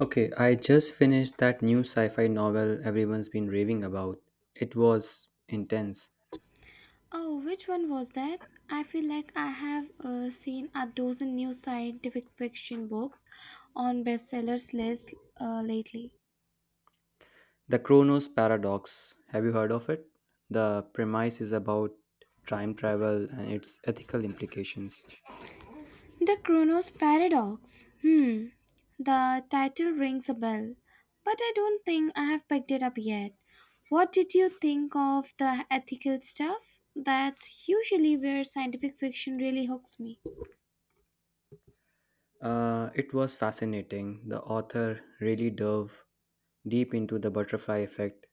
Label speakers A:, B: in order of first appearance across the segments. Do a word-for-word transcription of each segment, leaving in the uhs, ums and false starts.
A: Okay, I just finished that new sci fi novel everyone's been raving about. It was intense.
B: Oh, which one was that? I feel like I have uh, seen a dozen new scientific fiction books on bestsellers list uh, lately.
A: The Chronos Paradox. Have you heard of it? The premise is about time travel and its ethical implications.
B: The Chronos Paradox. Hmm. The title rings a bell, but I don't think I have picked it up yet. What did you think of the ethical stuff? That's usually where scientific fiction really hooks me.
A: Uh, it was fascinating. The author really dove deep into the butterfly effect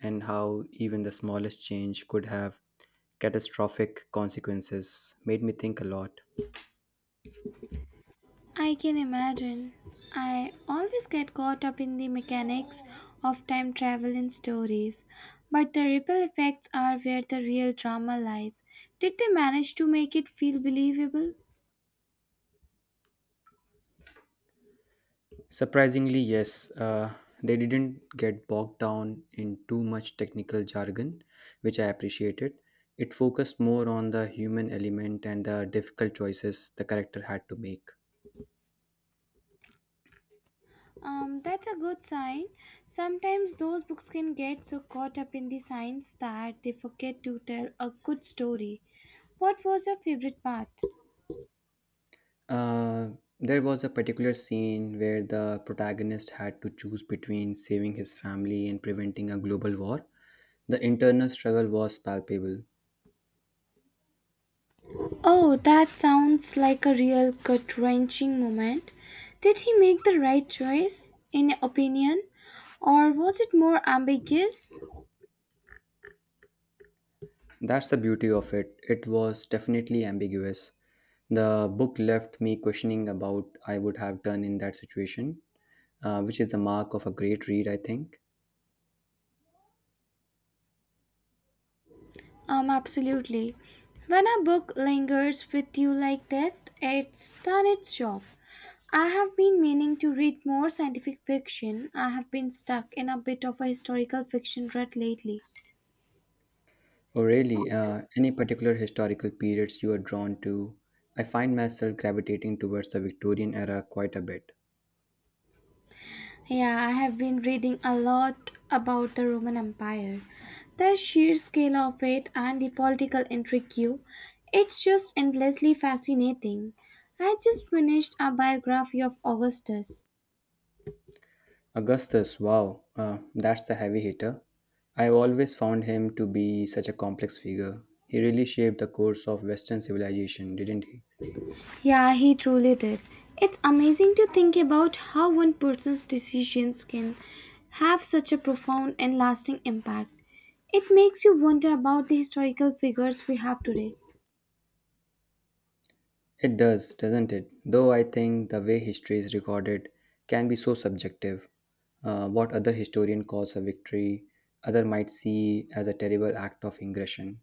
A: and how even the smallest change could have catastrophic consequences. Made me think a lot.
B: I can imagine. I always get caught up in the mechanics of time travel in stories, but the ripple effects are where the real drama lies. Did they manage to make it feel believable?
A: Surprisingly, yes, uh, they didn't get bogged down in too much technical jargon, which I appreciated. It focused more on the human element and the difficult choices the character had to make.
B: Um, that's a good sign. Sometimes those books can get so caught up in the science that they forget to tell a good story. What was your favorite part?
A: Uh, there was a particular scene where the protagonist had to choose between saving his family and preventing a global war. The internal struggle was palpable.
B: Oh, that sounds like a real gut wrenching moment. Did he make the right choice, in your opinion, or was it more ambiguous?
A: That's the beauty of it. It was definitely ambiguous. The book left me questioning about I would have done in that situation, uh, which is the mark of a great read, I think.
B: Um, absolutely. When a book lingers with you like that, it's done its job. I have been meaning to read more scientific fiction. I have been stuck in a bit of a historical fiction rut lately.
A: Oh, really? Uh, any particular historical periods you are drawn to? I find myself gravitating towards the Victorian era quite a bit.
B: Yeah, I have been reading a lot about the Roman Empire, the sheer scale of it, and the political intrigue. It's just endlessly fascinating. I just finished a biography of Augustus.
A: Augustus, wow, uh, that's the heavy hitter. I've always found him to be such a complex figure. He really shaped the course of Western civilization, didn't he?
B: Yeah, he truly did. It's amazing to think about how one person's decisions can have such a profound and lasting impact. It makes you wonder about the historical figures we have today.
A: It does, doesn't it? Though I think the way history is recorded can be so subjective. Uh, what other historian calls a victory, other might see as a terrible act of ingression.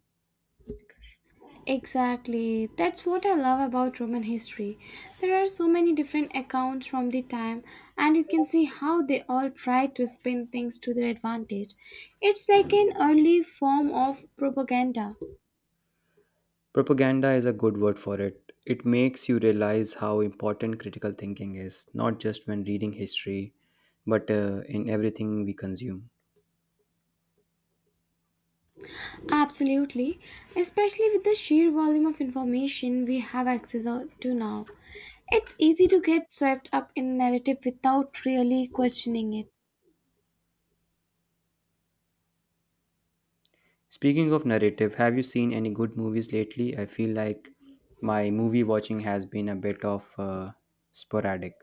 B: Exactly. That's what I love about Roman history. There are so many different accounts from the time, and you can see how they all try to spin things to their advantage. It's like an early form of propaganda.
A: Propaganda is a good word for it. It makes you realize how important critical thinking is, not just when reading history, but uh, in everything we consume.
B: Absolutely, especially with the sheer volume of information we have access o- to now. It's easy to get swept up in narrative without really questioning it.
A: Speaking of narrative, have you seen any good movies lately? I feel like my movie watching has been a bit of uh, sporadic.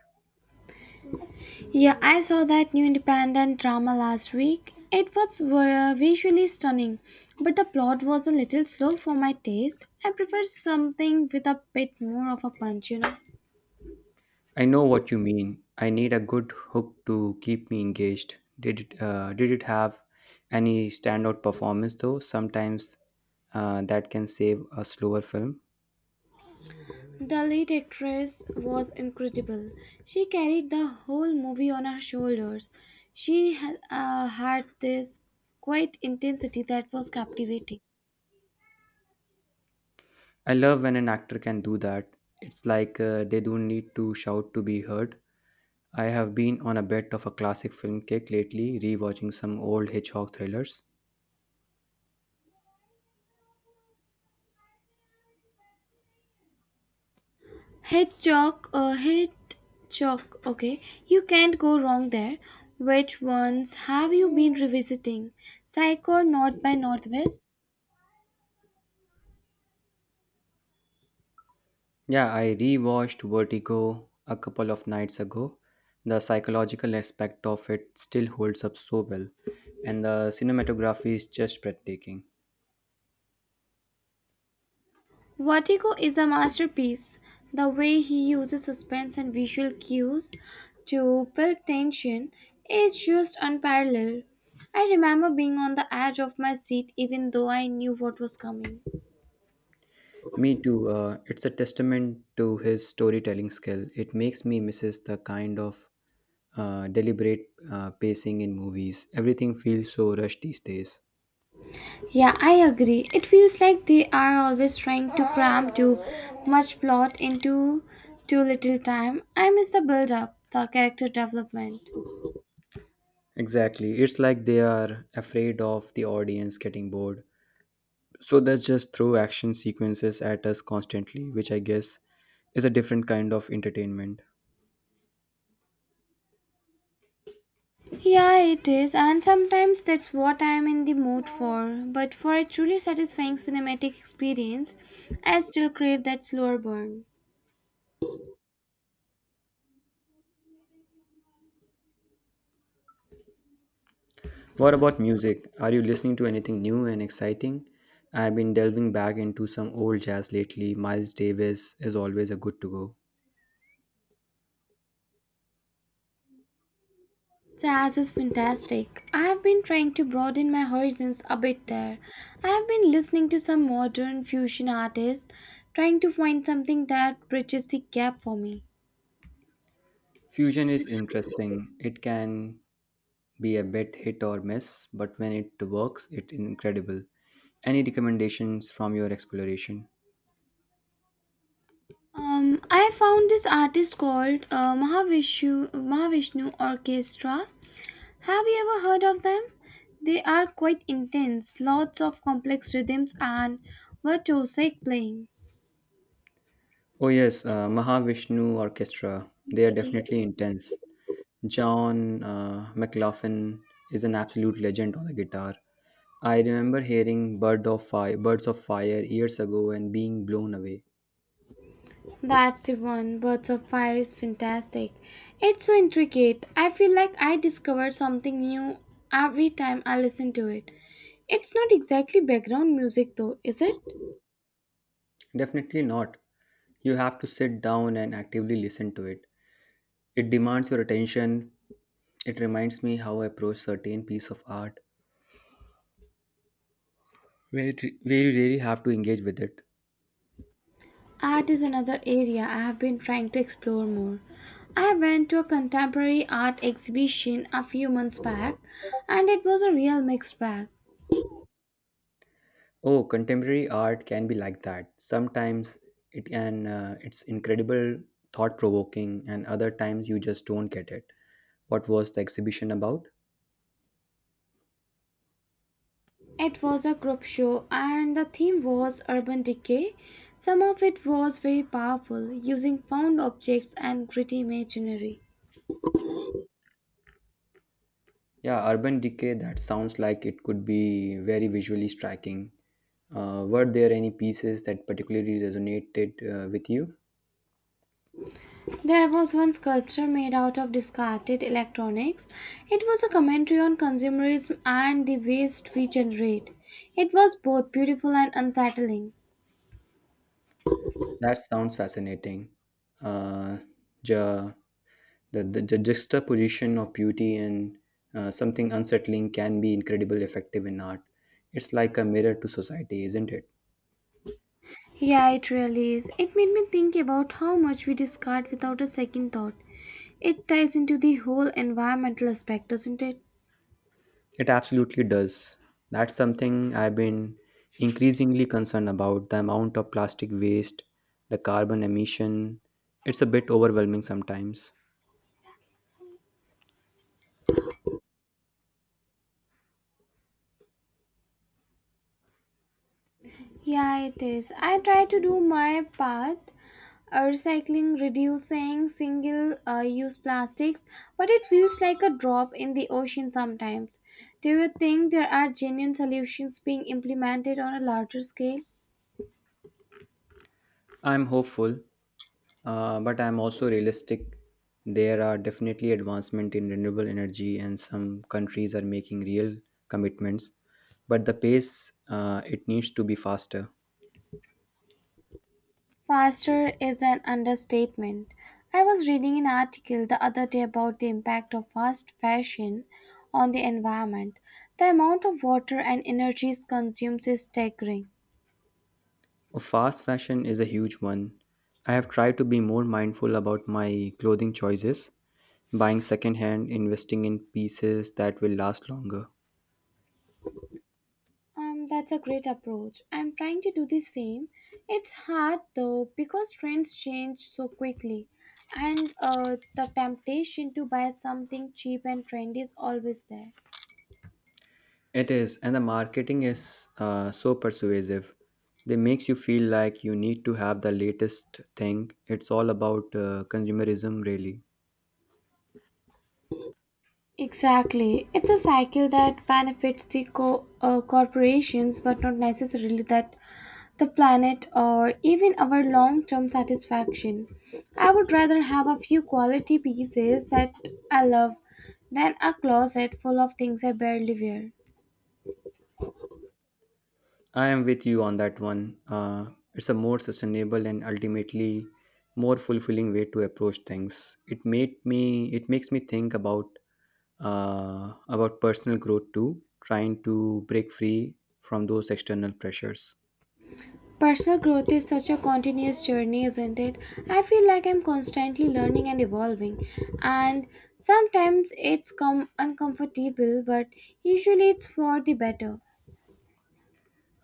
B: Yeah, I saw that new independent drama last week. It was vi- visually stunning, but the plot was a little slow for my taste. I prefer something with a bit more of a punch, you know.
A: I know what you mean. I need a good hook to keep me engaged. Did it, uh, did it have any standout performance though? Sometimes uh, that can save a slower film.
B: The lead actress was incredible. She carried the whole movie on her shoulders. She ha- uh, had this quiet intensity that was captivating.
A: I love when an actor can do that. It's like uh, they don't need to shout to be heard. I have been on a bit of a classic film kick lately, rewatching some old Hitchcock thrillers.
B: Hit chalk, uh, hit chalk. Okay, you can't go wrong there. Which ones have you been revisiting? Psycho, North by Northwest.
A: Yeah, I rewatched Vertigo a couple of nights ago. The psychological aspect of it still holds up so well, and the cinematography is just breathtaking.
B: Vertigo is a masterpiece. The way he uses suspense and visual cues to build tension is just unparalleled. I remember being on the edge of my seat even though I knew what was coming.
A: Me too, uh, it's a testament to his storytelling skill. It makes me misses the kind of uh, deliberate uh, pacing in movies. Everything feels so rushed these days.
B: Yeah, I agree. It feels like they are always trying to cram too much plot into too little time. I miss the build up, the character development.
A: Exactly, it's like they are afraid of the audience getting bored. So they just throw action sequences at us constantly, which I guess is a different kind of entertainment.
B: Yeah, it is, and sometimes that's what I'm in the mood for. But for a truly satisfying cinematic experience, I still crave that slower burn.
A: What about music? Are you listening to anything new and exciting? I've been delving back into some old jazz lately. Miles Davis is always a good to go.
B: Jazz is fantastic. I have been trying to broaden my horizons a bit there. I have been listening to some modern fusion artists, trying to find something that bridges the gap for me.
A: Fusion is interesting. It can be a bit hit or miss, but when it works, it's incredible. Any recommendations from your exploration?
B: Um, I found this artist called uh, Mahavishnu, Mahavishnu Orchestra. Have you ever heard of them? They are quite intense, lots of complex rhythms and virtuosic playing.
A: Oh, yes, uh, Mahavishnu Orchestra. They are
B: Empathy.
A: definitely intense. John uh, McLaughlin is an absolute legend on the guitar. I remember hearing bird of fire, birds of fire years ago and being blown away.
B: That's the one. Birds of Fire is fantastic. It's so intricate. I feel like I discover something new every time I listen to it. It's not exactly background music though, is it?
A: Definitely not. You have to sit down and actively listen to it. It demands your attention. It reminds me how I approach certain piece of art where, it- where you really have to engage with it.
B: Art is another area I have been trying to explore more. I went to a contemporary art exhibition a few months back and it was a real mixed bag.
A: Oh, contemporary art can be like that. Sometimes it can uh, it's incredible, thought provoking, and other times you just don't get it. What was the exhibition about?
B: It was a group show, and the theme was urban decay. Some of it was very powerful, using found objects and gritty imaginary.
A: Yeah, urban decay, that sounds like it could be very visually striking. Uh, were there any pieces that particularly resonated uh, with you?
B: There was one sculpture made out of discarded electronics. It was a commentary on consumerism and the waste we generate. It was both beautiful and unsettling.
A: That sounds fascinating. Uh, ju- the, the, the juxtaposition of beauty and uh, something unsettling can be incredibly effective in art. It's like a mirror to society, isn't it?
B: Yeah, it really is. It made me think about how much we discard without a second thought. It ties into the whole environmental aspect, doesn't it?
A: It absolutely does. That's something I've been increasingly concerned about, the amount of plastic waste, the carbon emission. It's a bit overwhelming sometimes.
B: Yeah, it is. I try to do my part, uh, recycling, reducing single uh, use plastics, but it feels like a drop in the ocean sometimes. Do you think there are genuine solutions being implemented on a larger scale?
A: I'm hopeful, uh, but I'm also realistic. There are definitely advancement in renewable energy, and some countries are making real commitments. But the pace, uh, it needs to be faster.
B: Faster is an understatement. I was reading an article the other day about the impact of fast fashion on the environment. The amount of water and energy consumed is staggering.
A: Oh, fast fashion is a huge one. I have tried to be more mindful about my clothing choices, buying second hand, investing in pieces that will last longer.
B: Um, that's a great approach. I'm trying to do the same. It's hard though because trends change so quickly, and uh, the temptation to buy something cheap and trendy is always there.
A: It is, and the marketing is uh, so persuasive, they makes you feel like you need to have the latest thing. It's all about uh, consumerism really.
B: Exactly. It's a cycle that benefits the co- uh, corporations but not necessarily that the planet or even our long-term satisfaction. I would rather have a few quality pieces that I love than a closet full of things I barely wear.
A: I am with you on that one. uh, it's a more sustainable and ultimately more fulfilling way to approach things. it made me it makes me think about uh, about personal growth too, trying to break free from those external pressures.
B: Personal growth is such a continuous journey, isn't it? I feel like I'm constantly learning and evolving, and sometimes it's com- uncomfortable, but usually it's for the better.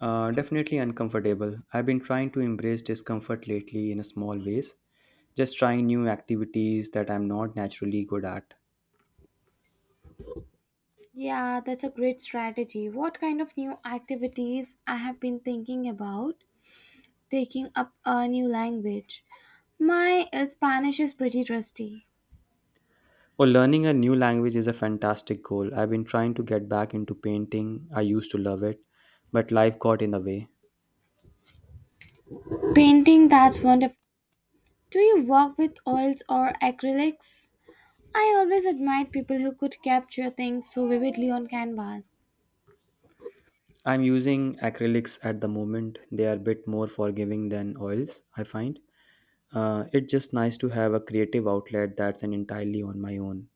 A: Uh, definitely uncomfortable. I've been trying to embrace discomfort lately in a small ways, just trying new activities that I'm not naturally good at.
B: Yeah, that's a great strategy. What kind of new activities I have been thinking about taking up a new language? My uh, Spanish is pretty rusty.
A: Well, learning a new language is a fantastic goal. I've been trying to get back into painting. I used to love it, but life got in the way.
B: Painting, that's wonderful. Do you work with oils or acrylics? I always admired people who could capture things so vividly on canvas.
A: I'm using acrylics at the moment. They are a bit more forgiving than oils, I find. Uh, it's just nice to have a creative outlet that's an entirely on my own.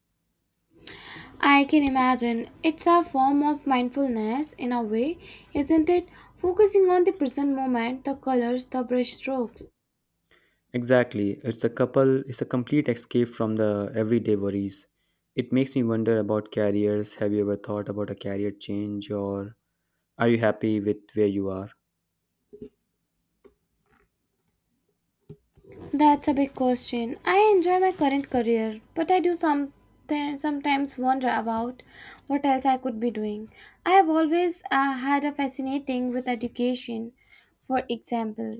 B: I can imagine it's a form of mindfulness in a way, isn't it? Focusing on the present moment, the colors, the brush strokes.
A: Exactly. It's a couple it's a complete escape from the everyday worries. It makes me wonder about careers. Have you ever thought about a career change or are you happy with where you are?
B: That's a big question. I enjoy my current career, but I do some sometimes wonder about what else I could be doing. I have always uh, had a fascinating with education, for example.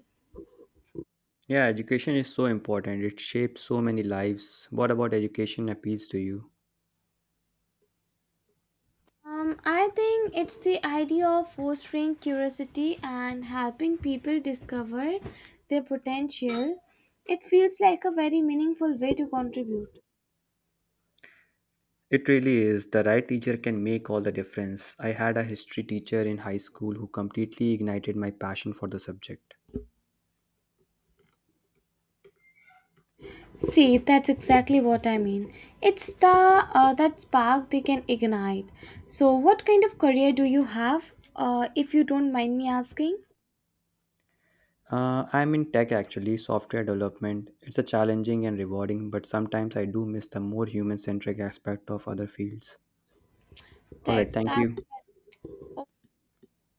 A: Yeah, education is so important. It shapes so many lives. What about education appeals to you?
B: Um, I think it's the idea of fostering curiosity and helping people discover their potential. It feels like a very meaningful way to contribute.
A: It really is. The right teacher can make all the difference. I had a history teacher in high school who completely ignited my passion for the subject.
B: See, that's exactly what I mean. It's the uh, that spark they can ignite. So, what kind of career do you have, uh, if you don't mind me asking?
A: Uh, I'm in tech actually, software development. It's a challenging and rewarding, but sometimes I do miss the more human centric aspect of other fields. All right,
B: Tech.
A: thank you.
B: That's